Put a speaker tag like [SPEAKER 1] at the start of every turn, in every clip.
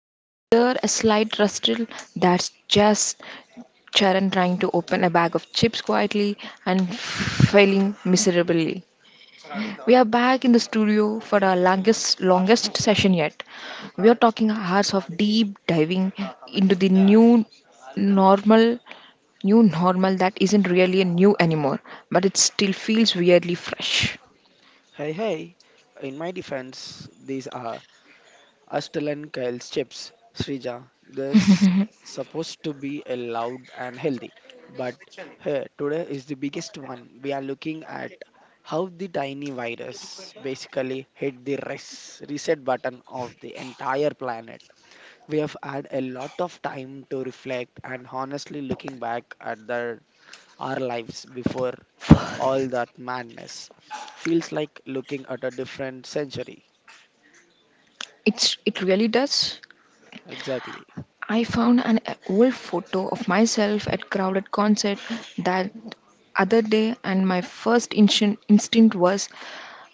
[SPEAKER 1] If you hear a slight rustle, that's just Charan trying to open a bag of chips quietly and failing miserably. We are back in the studio for our longest session yet. We are talking hours of deep diving into the normal, new normal that isn't really a new anymore, but it still feels weirdly fresh.
[SPEAKER 2] Hey, hey, in my defense, these are Astel and Kyle's chips, Srija. They're supposed to be a loud and healthy, but hey, today is the biggest one. We are looking at how the tiny virus basically hit the reset button of the entire planet. We have had a lot of time to reflect, and honestly looking back at our lives before all that madness. Feels like looking at a different century.
[SPEAKER 1] It really does.
[SPEAKER 2] Exactly.
[SPEAKER 1] I found an old photo of myself at crowded concert that other day, and my first instinct was,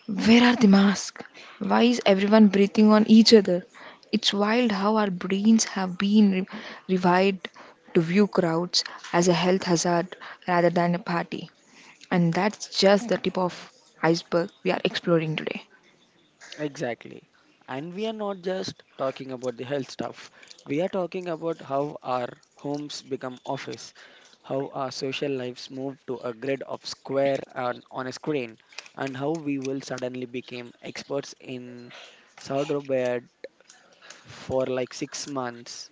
[SPEAKER 1] where are the masks? Why is everyone breathing on each other? It's wild how our brains have been revived to view crowds as a health hazard rather than a party, and that's just the tip of iceberg we are exploring today.
[SPEAKER 2] Exactly. And we are not just talking about the health stuff. We are talking about how our homes become office, how our social lives move to a grid of square and on a screen, and how we will suddenly become experts in sourdough bread for like 6 months.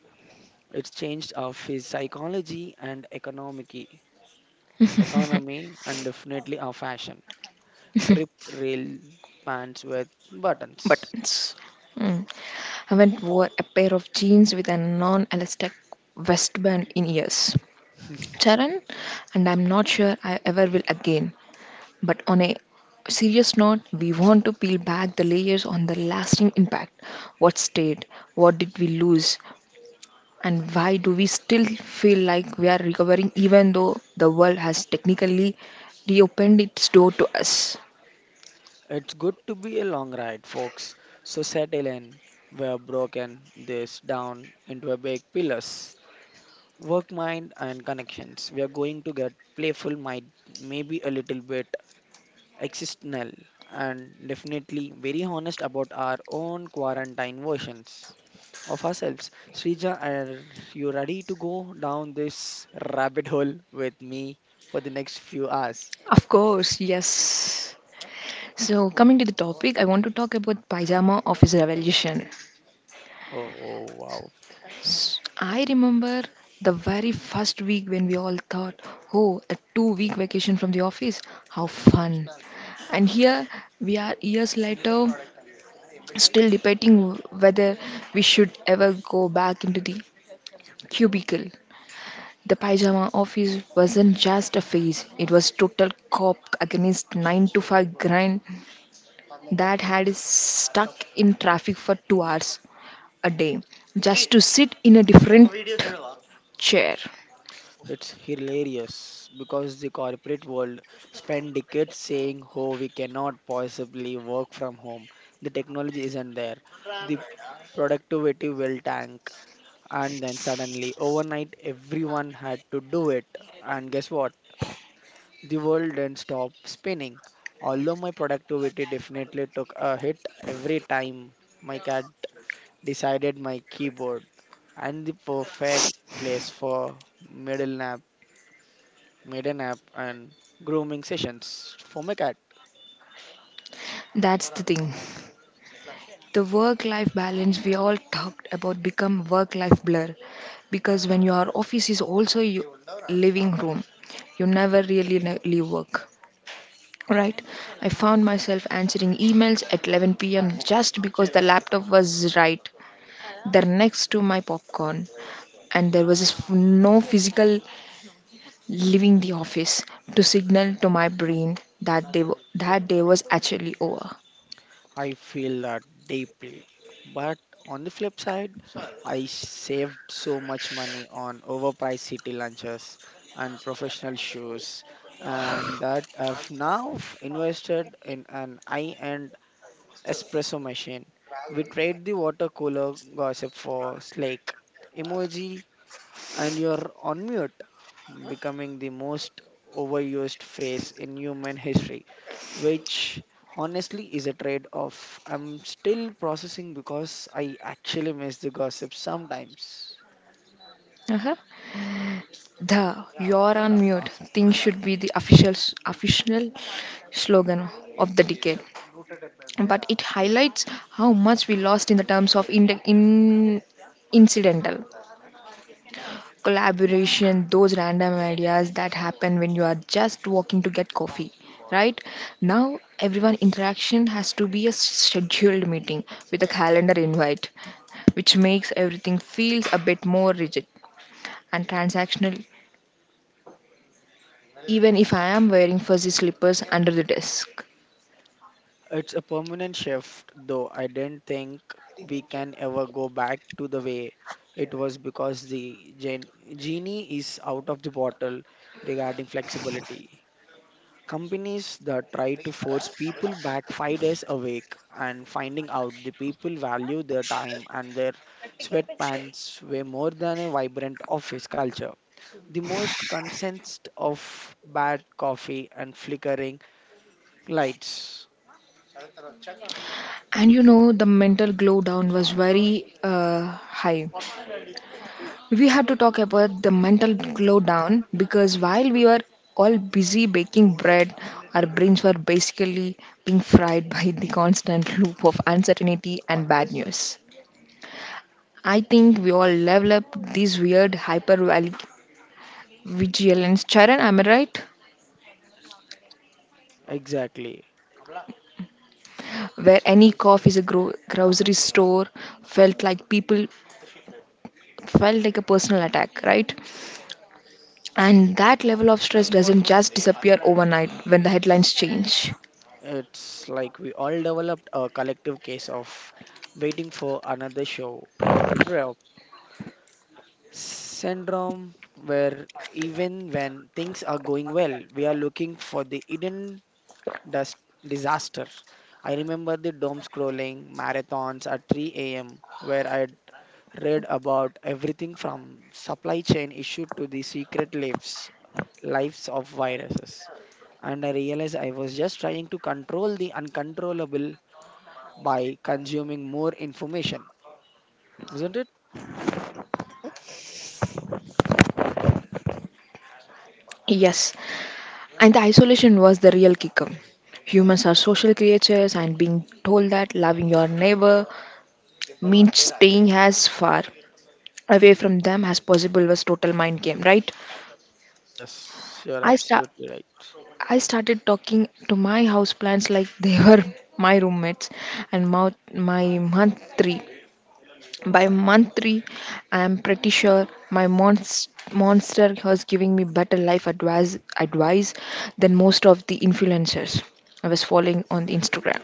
[SPEAKER 2] It's changed our psychology and economy, and definitely our fashion. Rip rail pants with buttons.
[SPEAKER 1] Buttons, I went wore a pair of jeans with a non-elastic waistband in years, Charan, and I'm not sure I ever will again. But on a serious note, we want to peel back the layers on the lasting impact. What stayed? What did we lose? And why do we still feel like we are recovering even though the world has technically reopened its door to us?
[SPEAKER 2] It's good to be a long ride, folks. So settle in. We are broken this down into a big pillars. Work mind and connections. We are going to get playful, might maybe a little bit existential, and definitely very honest about our own quarantine versions of ourselves. Srija, are you ready to go down this rabbit hole with me for the next few hours?
[SPEAKER 1] Of course, yes. So, coming to the topic, I want to talk about pajama office revolution.
[SPEAKER 2] Oh, wow.
[SPEAKER 1] I remember the very first week when we all thought, oh, a 2 week vacation from the office, how fun. And here we are years later still debating whether we should ever go back into the
[SPEAKER 2] Cubicle.
[SPEAKER 1] cubicle. The pajama office wasn't just a phase, it was total cop against 9 to 5 grind that had us stuck in traffic for 2 hours a day just to sit in a different chair.
[SPEAKER 2] It's hilarious because the corporate world spent decades saying, oh, we cannot possibly work from home. The technology isn't there. The productivity will tank. And then suddenly, overnight, everyone had to do it. And guess what? The world didn't stop spinning. Although my productivity definitely took a hit every time my cat decided my keyboard and the perfect place for middle nap, midday nap and grooming sessions for my cat.
[SPEAKER 1] That's the thing. The work life balance we all talked about become work life blur, because when your office is also your living room you never really leave work, right? I found myself answering emails at 11 p.m just because the laptop was right there next to my popcorn, and there was no physical leaving the office to signal to my brain that that day was actually over.
[SPEAKER 2] I feel that deeply. But on the flip side, I saved so much money on overpriced city lunches and professional shoes, and that I've now invested in an high end espresso machine. We trade the water cooler gossip for slake emoji and you're on mute, becoming the most overused phrase in human history, which honestly is a trade off. I'm still processing because I actually miss the gossip sometimes.
[SPEAKER 1] Uh-huh. The "You're on mute" thing should be the official slogan of the decade. But it highlights how much we lost in the terms of in incidental collaboration, those random ideas that happen when you are just walking to get coffee. Right now, everyone interaction has to be a scheduled meeting with a calendar invite, which makes everything feels a bit more rigid and transactional even if I am wearing fuzzy slippers under the desk.
[SPEAKER 2] It's a permanent shift, though I didn't think we can ever go back to the way it was, because the genie is out of the bottle regarding flexibility. Companies that try to force people back 5 days a week and finding out the people value their time and their sweatpants way more than a vibrant office culture. The most consensed of bad coffee and flickering lights.
[SPEAKER 1] And you know, the mental glow down was very high. We had to talk about the mental glow down because while we were all busy baking bread, our brains were basically being fried by the constant loop of uncertainty and bad news. I think we all level up these weird hyper vigilance. Charan, am I right?
[SPEAKER 2] Exactly.
[SPEAKER 1] Where any cough is a grocery store felt like people felt like a personal attack, right? And that level of stress doesn't just disappear overnight when the headlines change.
[SPEAKER 2] It's like we all developed a collective case of waiting for another show or to drop syndrome, where even when things are going well, we are looking for the hidden dust disaster. I remember the doom scrolling marathons at 3 a.m., where I read about everything from supply chain issue to the secret lives of viruses, and I realized I was just trying to control the uncontrollable by consuming more information, isn't it?
[SPEAKER 1] Yes, and the isolation was the real kicker. Humans are social creatures, and being told that loving your neighbor means staying as far away from them as possible was total mind game, right?
[SPEAKER 2] Yes, you're
[SPEAKER 1] I start.
[SPEAKER 2] absolutely
[SPEAKER 1] I started talking to my houseplants like they were my roommates, and my month three By month three, I am pretty sure my monster was giving me better life advice than most of the influencers I was following on the Instagram.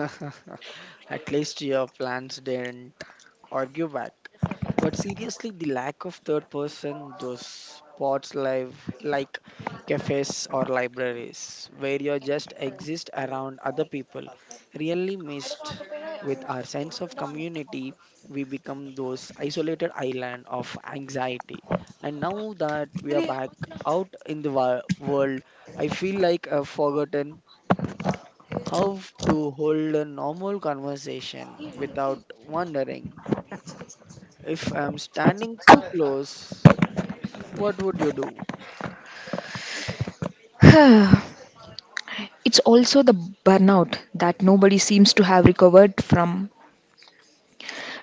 [SPEAKER 2] right. At least your plans didn't argue back. But seriously, the lack of third person, those spots live like cafes or libraries where you just exist around other people, really missed with our sense of community, we become those isolated island of anxiety. And now that we are back out in the world, I feel like I've forgotten how to hold a normal conversation without wondering if I'm standing too close. What would you do?
[SPEAKER 1] It's also the burnout that nobody seems to have recovered from.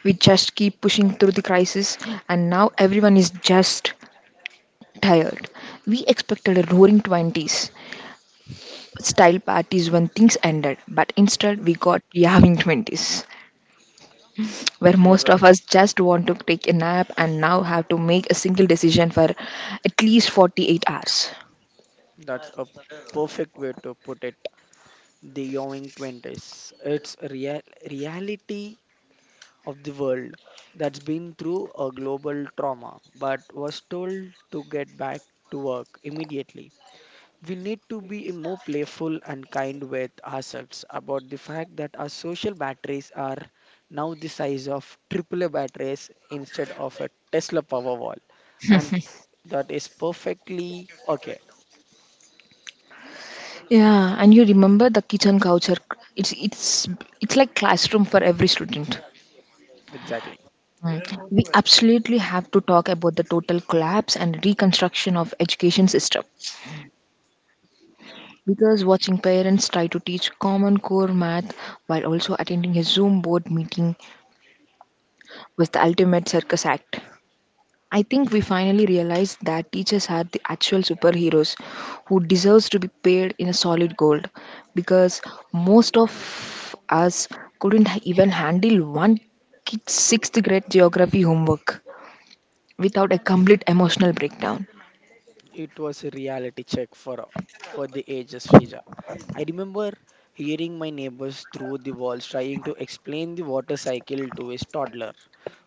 [SPEAKER 1] We just keep pushing through the crisis, and now everyone is just tired. We expected a roaring 20s style parties when things ended, but instead we got yawning 20s, where
[SPEAKER 2] You're
[SPEAKER 1] most
[SPEAKER 2] right.
[SPEAKER 1] of us just want to take a nap and now have to make a single decision for at least 48 hours.
[SPEAKER 2] That's a perfect way to put it. The Yowing 20s. It's a reality of the world that's been through a global trauma, but was told to get back to work immediately. We need to be more playful and kind with ourselves about the fact that our social batteries are now the size of AAA batteries instead of a Tesla Powerwall. And that is perfectly okay.
[SPEAKER 1] Yeah, and you remember the kitchen couch, it's it's it's like classroom for every student.
[SPEAKER 2] Exactly.
[SPEAKER 1] Mm. We absolutely have to talk about the total collapse and reconstruction of education system, because watching parents try to teach common core math while also attending a Zoom board meeting was the ultimate circus act. I think we finally realized that teachers are the actual superheroes who deserves to be paid in a solid gold, because most of us couldn't even handle one kid's 6th grade geography homework without a complete emotional breakdown.
[SPEAKER 2] It was a reality check for the ages, Srija. I remember hearing my neighbors through the walls trying to explain the water cycle to his toddler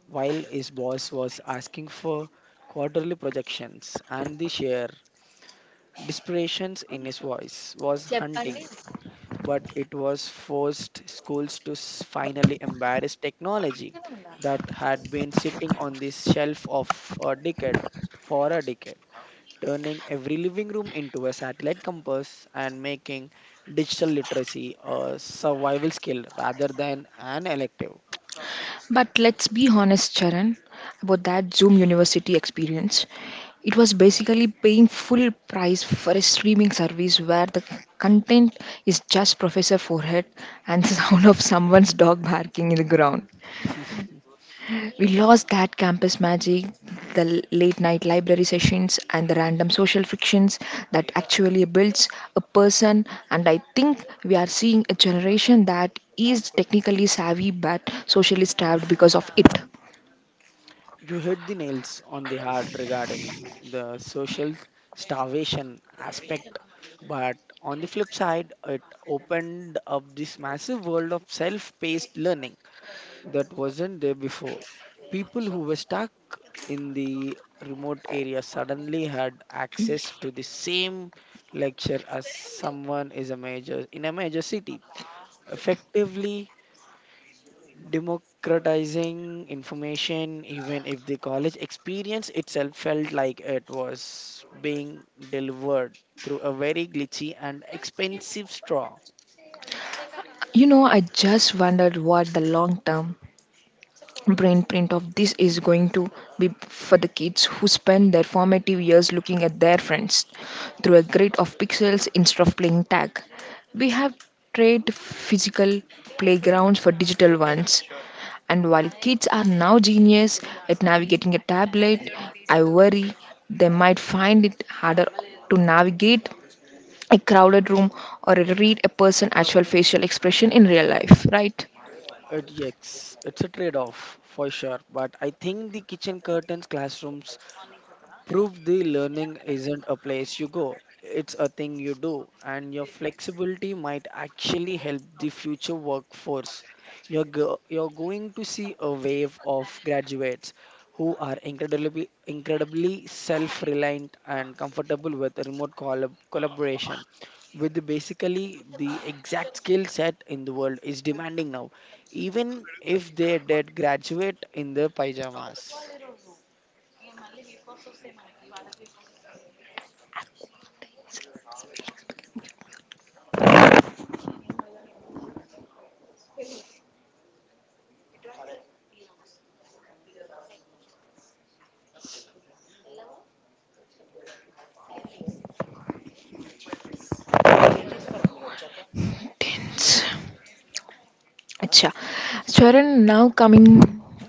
[SPEAKER 2] while his boss was asking for quarterly projections, and the share desperations in his voice was hunting, but it was forced schools to finally embrace technology that had been sitting on the shelf of a decade for a decade, turning every living room into a satellite compass and making digital literacy a survival skill rather than an elective.
[SPEAKER 1] But let's be honest, Charan, about that Zoom university experience. It was basically paying full price for a streaming service where the content is just Professor Forehead and the sound of someone's dog barking in the ground. We lost that campus magic, the late night library sessions, and the random social frictions that actually builds a person. And I think we are seeing a generation that is technically savvy but socially starved because of it.
[SPEAKER 2] You hit the nails on the head regarding the social starvation aspect, but on the flip side, it opened up this massive world of self paced learning that wasn't there before. People who were stuck in the remote area suddenly had access to the same lecture as someone is a major in a major city, effectively democratizing information, even if the college experience itself felt like it was being delivered through a very glitchy and expensive straw.
[SPEAKER 1] You know, I just wondered what the long term brain print of this is going to be for the kids who spend their formative years looking at their friends through a grid of pixels instead of playing tag. We have traded physical playgrounds for digital ones, and while kids are now genius at navigating a tablet, I worry they might find it harder to navigate a crowded room or read a person's actual facial expression in real life, right?
[SPEAKER 2] It, yes, it's a trade off for sure, but I think the kitchen curtains classrooms prove the learning isn't a place you go, it's a thing you do, and your flexibility might actually help the future workforce. You're going to see a wave of graduates who are incredibly, incredibly self reliant and comfortable with remote collaboration, with basically the exact skill set in the world is demanding now, even if they did graduate in their pajamas.
[SPEAKER 1] Tens. Acha. Charan, now coming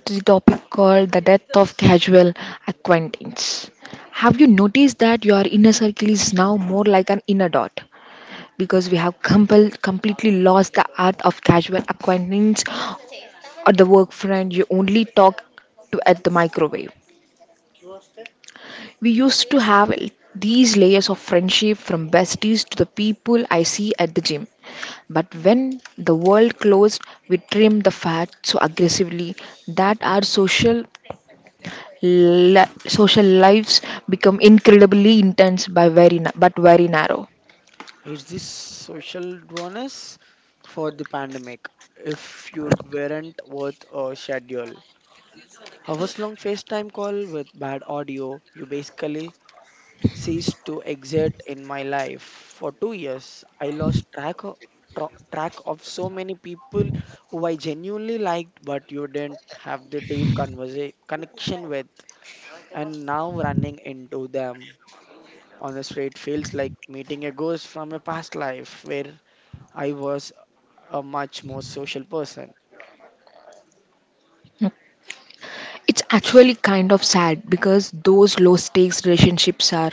[SPEAKER 1] to the topic called the death of casual acquaintance. Have you noticed that your inner circle is now more like an inner dot? Because we have completely lost the art of casual acquaintance or the work friend you only talk to at the microwave. We used to have these layers of friendship from besties to the people I see at the gym. But when the world closed, we trimmed the fat so aggressively that our social lives become incredibly intense by but very narrow.
[SPEAKER 2] Is this social rawness for the pandemic? If you weren't worth a schedule, hours long FaceTime call with bad audio, you basically ceased to exist in my life. For 2 years, I lost track of so many people who I genuinely liked, but you didn't have the deep connection with. And now running into them on the street feels like meeting a ghost from a past life where I was a much more social person.
[SPEAKER 1] It's actually kind of sad because those low stakes relationships are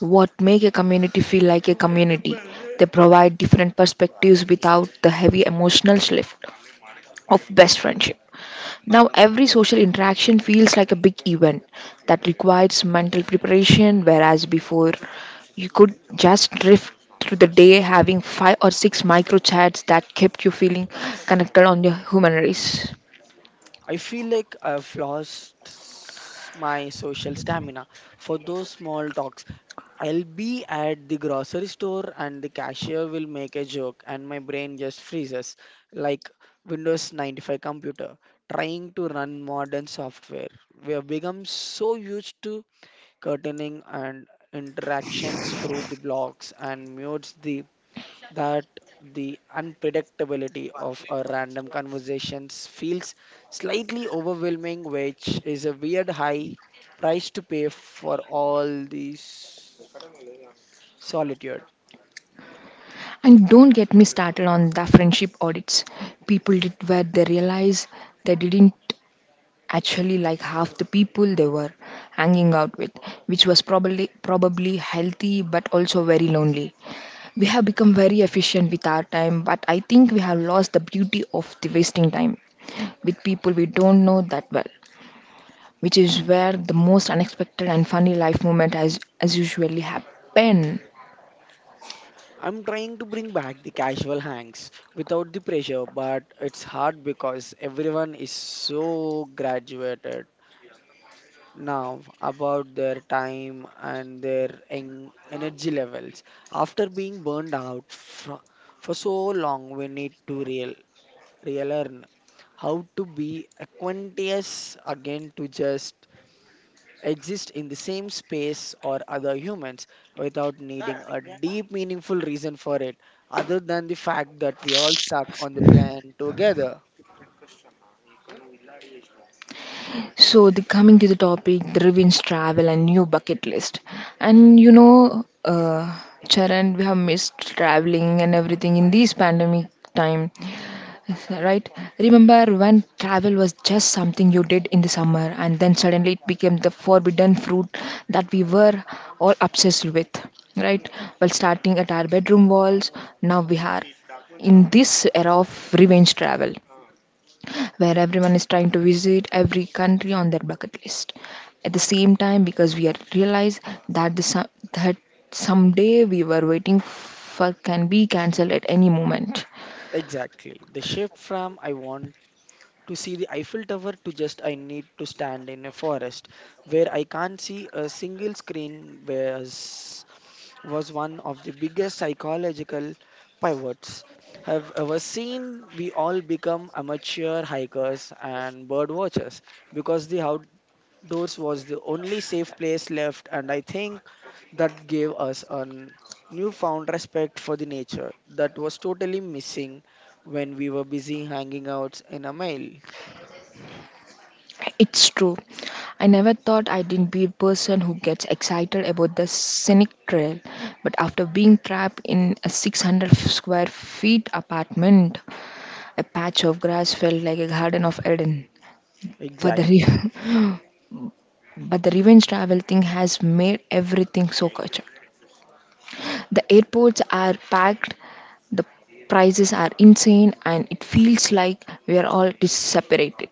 [SPEAKER 1] what make a community feel like a community. They provide different perspectives without the heavy emotional shift of best friendship. Now, every social interaction feels like a big event that requires mental preparation, whereas before you could just drift through the day having five or six micro chats that kept you feeling connected on your human race.
[SPEAKER 2] I feel like I've lost my social stamina for those small talks. I'll be at the grocery store and the cashier will make a joke, and my brain just freezes like Windows 95 computer trying to run modern software. We have become so used to curtaining and interactions through the blocks and mutes the that the unpredictability of our random conversations feels slightly overwhelming, which is a weird high price to pay for all this solitude.
[SPEAKER 1] And don't get me started on the friendship audits people did where they realized they didn't actually like half the people they were hanging out with, which was probably healthy but also very lonely. We have become very efficient with our time, but I think we have lost the beauty of the wasting time with people we don't know that well, which is where the most unexpected and funny life moment has as usually happen.
[SPEAKER 2] I'm trying to bring back the casual hangs without the pressure, but it's hard because everyone is so graduated now about their time and their energy levels. After being burned out fro for so long, we need to real relearn how to be acquaintance again, to just exist in the same space or other humans without needing a deep, meaningful reason for it, other than the fact that we all stuck on the planet together.
[SPEAKER 1] So the coming to the topic, the revenge travel and new bucket list. And you know, Charan, we have missed traveling and everything in this pandemic time, right? Remember when travel was just something you did in the summer and then suddenly it became the forbidden fruit that we were all obsessed with, right? Well, starting at our bedroom walls, now we are in this era of revenge travel where everyone is trying to visit every country on their bucket list. At the same time, because we are realize that the some that someday we were waiting for can be cancelled at any moment.
[SPEAKER 2] Exactly. The shift from I want to see the Eiffel Tower to just I need to stand in a forest where I can't see a single screen was one of the biggest psychological pivots have ever seen. We all become amateur hikers and bird watchers because the outdoors was the only safe place left, and I think that gave us a newfound respect for the nature that was totally missing when we were busy hanging out in a mile.
[SPEAKER 1] It's true. I never thought I'd be a person who gets excited about the scenic trail, but after being trapped in a 600 square feet apartment, a patch of grass felt like a garden of Eden. But
[SPEAKER 2] Exactly.
[SPEAKER 1] but the revenge travel thing has made everything so cultured. The airports are packed, the prices are insane, and it feels like we are all separated.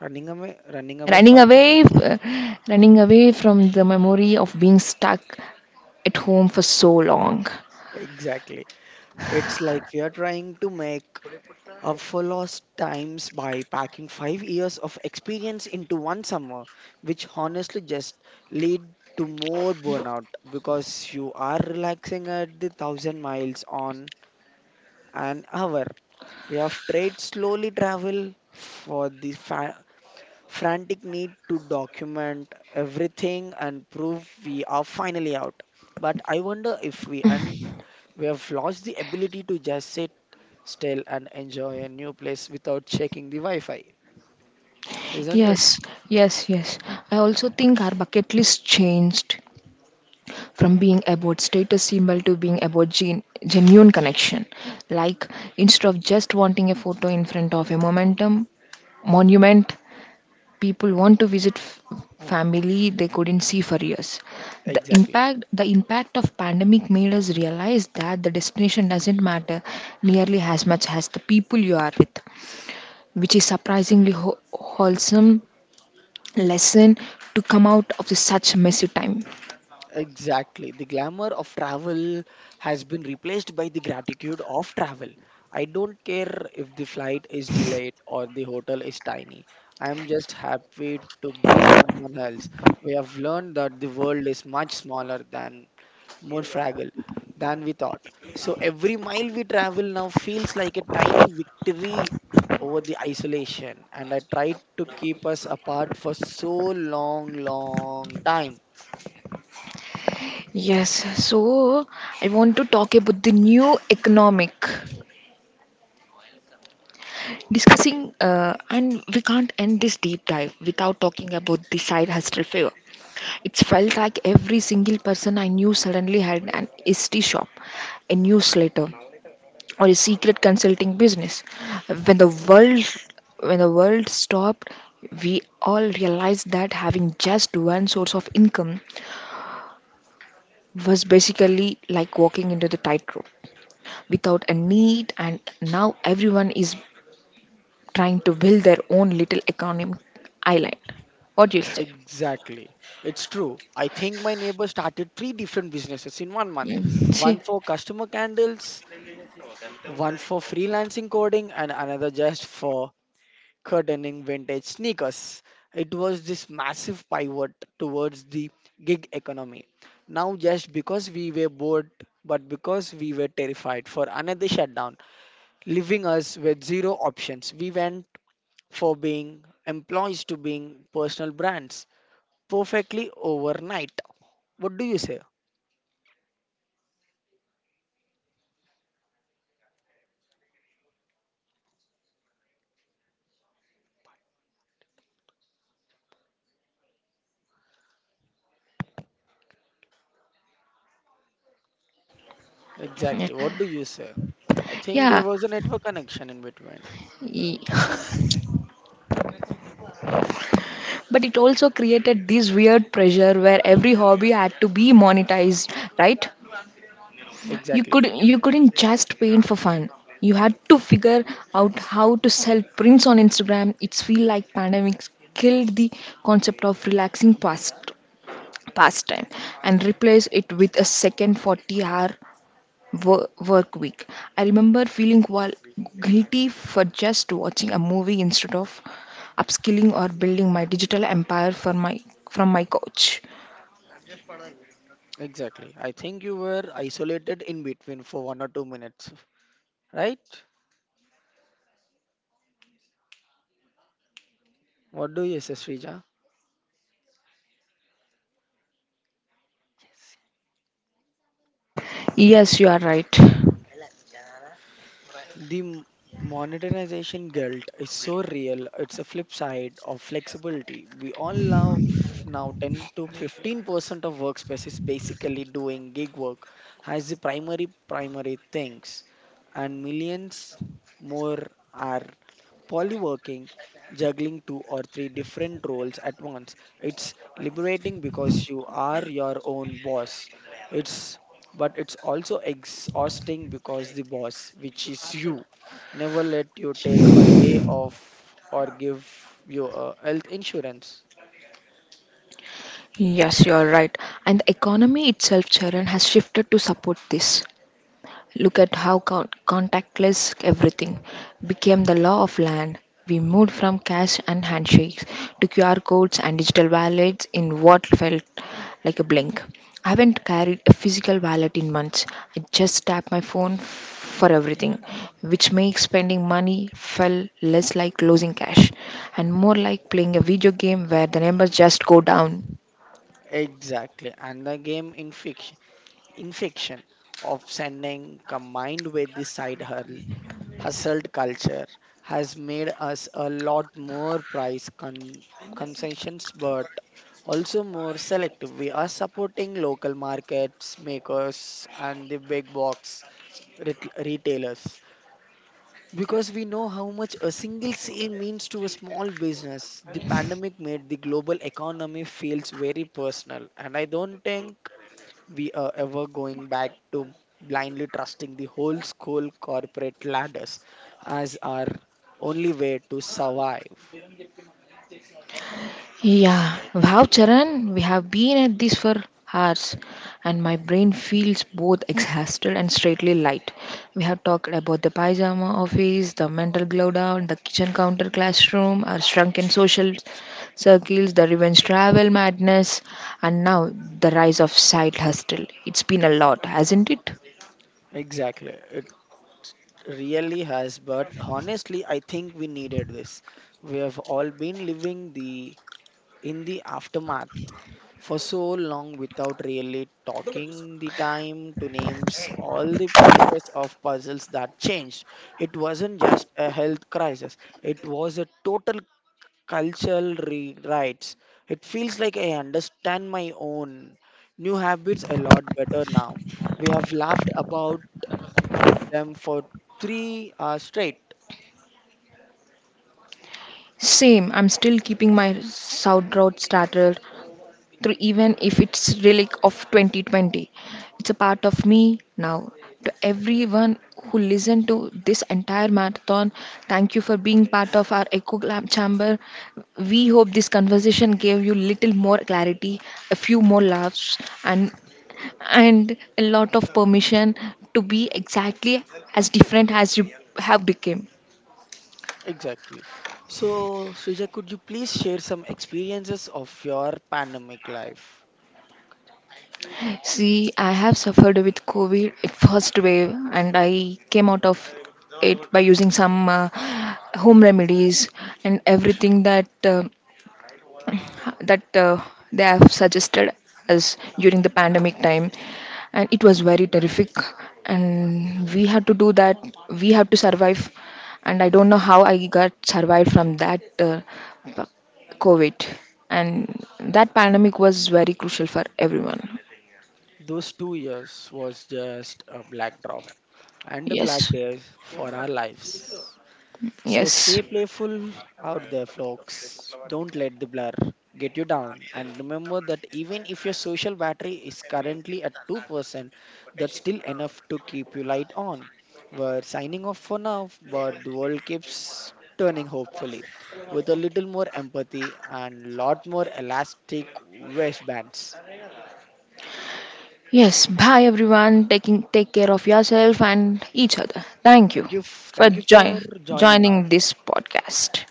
[SPEAKER 2] Running away from the.
[SPEAKER 1] Running away from the memory of being stuck at home for so long.
[SPEAKER 2] Exactly. It's like we are trying to make up for lost times by packing 5 years of experience into one summer, which honestly just lead to more burnout because you are relaxing at the thousand miles on an hour. You have trade slowly travel for the frantic need to document everything and prove we are finally out. But I wonder if we have lost the ability to just sit still and enjoy a new place without checking the Wi-Fi, isn't it?
[SPEAKER 1] Yes, yes. I also think our bucket list changed from being about status symbol to being about genuine connection. Like instead of just wanting a photo in front of a momentum monument, people want to visit family they couldn't see for years. The
[SPEAKER 2] Exactly.
[SPEAKER 1] impact the impact of pandemic made us realize that the destination doesn't matter nearly as much as the people you are with, which is surprisingly wholesome lesson to come out of this such messy time.
[SPEAKER 2] Exactly. The glamour of travel has been replaced by the gratitude of travel. I don't care if the flight is delayed or the hotel is tiny. I am just happy to be someone else. We have learned that the world is much smaller than, more fragile than we thought. So every mile we travel now feels like a tiny victory over the isolation, and I tried to keep us apart for so long, long time.
[SPEAKER 1] Yes, so I want to talk about the new economic discussing, and we can't end this deep dive without talking about the side hustle fever. It felt like every single person I knew suddenly had an ST shop, a newsletter, or a secret consulting business. When the world when the world stopped, we all realized that having just one source of income was basically like walking into the tightrope without a need, and now everyone is trying to build their own little economic island. What do you say?
[SPEAKER 2] Exactly. It's true. I think my neighbor started three different businesses in 1 month.
[SPEAKER 1] Yeah.
[SPEAKER 2] One
[SPEAKER 1] See?
[SPEAKER 2] for customer candles, one for freelancing coding, and another just for curtaining vintage sneakers. It was this massive pivot towards the gig economy. Now, just because we were bored, but because we were terrified for another shutdown, leaving us with zero options, we went for being employees to being personal brands perfectly overnight. What do you say? Exactly. What do you say? I think there
[SPEAKER 1] Yeah.
[SPEAKER 2] was a network connection in between.
[SPEAKER 1] Yeah. But it also created this weird pressure where every hobby had to be monetized, right? You
[SPEAKER 2] Exactly.
[SPEAKER 1] could you couldn't just paint for fun. You had to figure out how to sell prints on Instagram. It's feel like pandemics killed the concept of relaxing past pastime and replaced it with a second 40 hour work week. I remember feeling while guilty for just watching a movie instead of upskilling or building my digital empire for my from my couch.
[SPEAKER 2] Exactly. I think you were isolated in between for 1 or 2 minutes. Right? What do you say, Srija?
[SPEAKER 1] Yes, you are right.
[SPEAKER 2] The modernization guilt is so real. It's a flip side of flexibility. We all love now 10 to 15% of workspaces basically doing gig work as the primary things, and millions more are polyworking, juggling two or three different roles at once. It's liberating because you are your own boss. It's but it's also exhausting, because the boss, which is you, never let you take a day off or give you a health insurance.
[SPEAKER 1] Yes, you are right. And the economy itself, Charan, has shifted to support this. Look at how contactless everything became the law of land. We moved from cash and handshakes to QR codes and digital wallets in what felt like a blink. I haven't carried a physical wallet in months. I just tap my phone for everything, which makes spending money feel less like losing cash and more like playing a video game where the numbers just go down.
[SPEAKER 2] Exactly, and the game in fiction, infection of sending combined with the side hustle hustled culture has made us a lot more price concessions, but also more selective. We are supporting local markets makers and the big box retailers, because we know how much a single sale means to a small business. The pandemic made the global economy feels very personal, and I don't think we are ever going back to blindly trusting the whole school corporate ladders as our only way to survive.
[SPEAKER 1] Yeah, wow, Charan, we have been at this for hours, and my brain feels both exhausted and straightly light. We have talked about the pyjama office, the mental glow down, the kitchen counter classroom, our shrunken social circles, the revenge travel madness, and now the rise of side hustle. It's been a lot, hasn't it?
[SPEAKER 2] Exactly, it really has, but honestly, I think we needed this. We have all been living the in the aftermath for so long without really talking the time to names all the pieces of puzzles that changed. It wasn't just a health crisis, it was a total cultural rewrites. It feels like I understand my own new habits a lot better now. We have laughed about them for 3 hours straight.
[SPEAKER 1] Same, I'm still keeping my sauerkraut starter through even if it's relic of 2020. It's a part of me now. To everyone who listened to this entire marathon, thank you for being part of our echo lab chamber. We hope this conversation gave you little more clarity, a few more laughs, and a lot of permission to be exactly as different as you have become.
[SPEAKER 2] Exactly. So, Srija, could you please share some experiences of your pandemic life?
[SPEAKER 1] See, I have suffered with COVID at first wave, and I came out of it by using some home remedies and everything that that uh, they have suggested us during the pandemic time, and it was very terrific. And we had to do that. We had to survive, and I don't know how I got survived from that COVID. And that pandemic was very crucial for everyone.
[SPEAKER 2] Those 2 years was just a black drop and a black
[SPEAKER 1] Yes.
[SPEAKER 2] day for our lives. So
[SPEAKER 1] Yes.
[SPEAKER 2] stay playful out there, folks. Don't let the blur get you down. And remember that even if your social battery is currently at 2%, that's still enough to keep you light on. We're signing off for now, but the world keeps turning, hopefully with a little more empathy and lot more elastic waistbands.
[SPEAKER 1] Yes. Bye everyone. Taking Take care of yourself and each other. Thank you
[SPEAKER 2] Thank you, f-
[SPEAKER 1] for
[SPEAKER 2] thank you for joining us.
[SPEAKER 1] joining this podcast.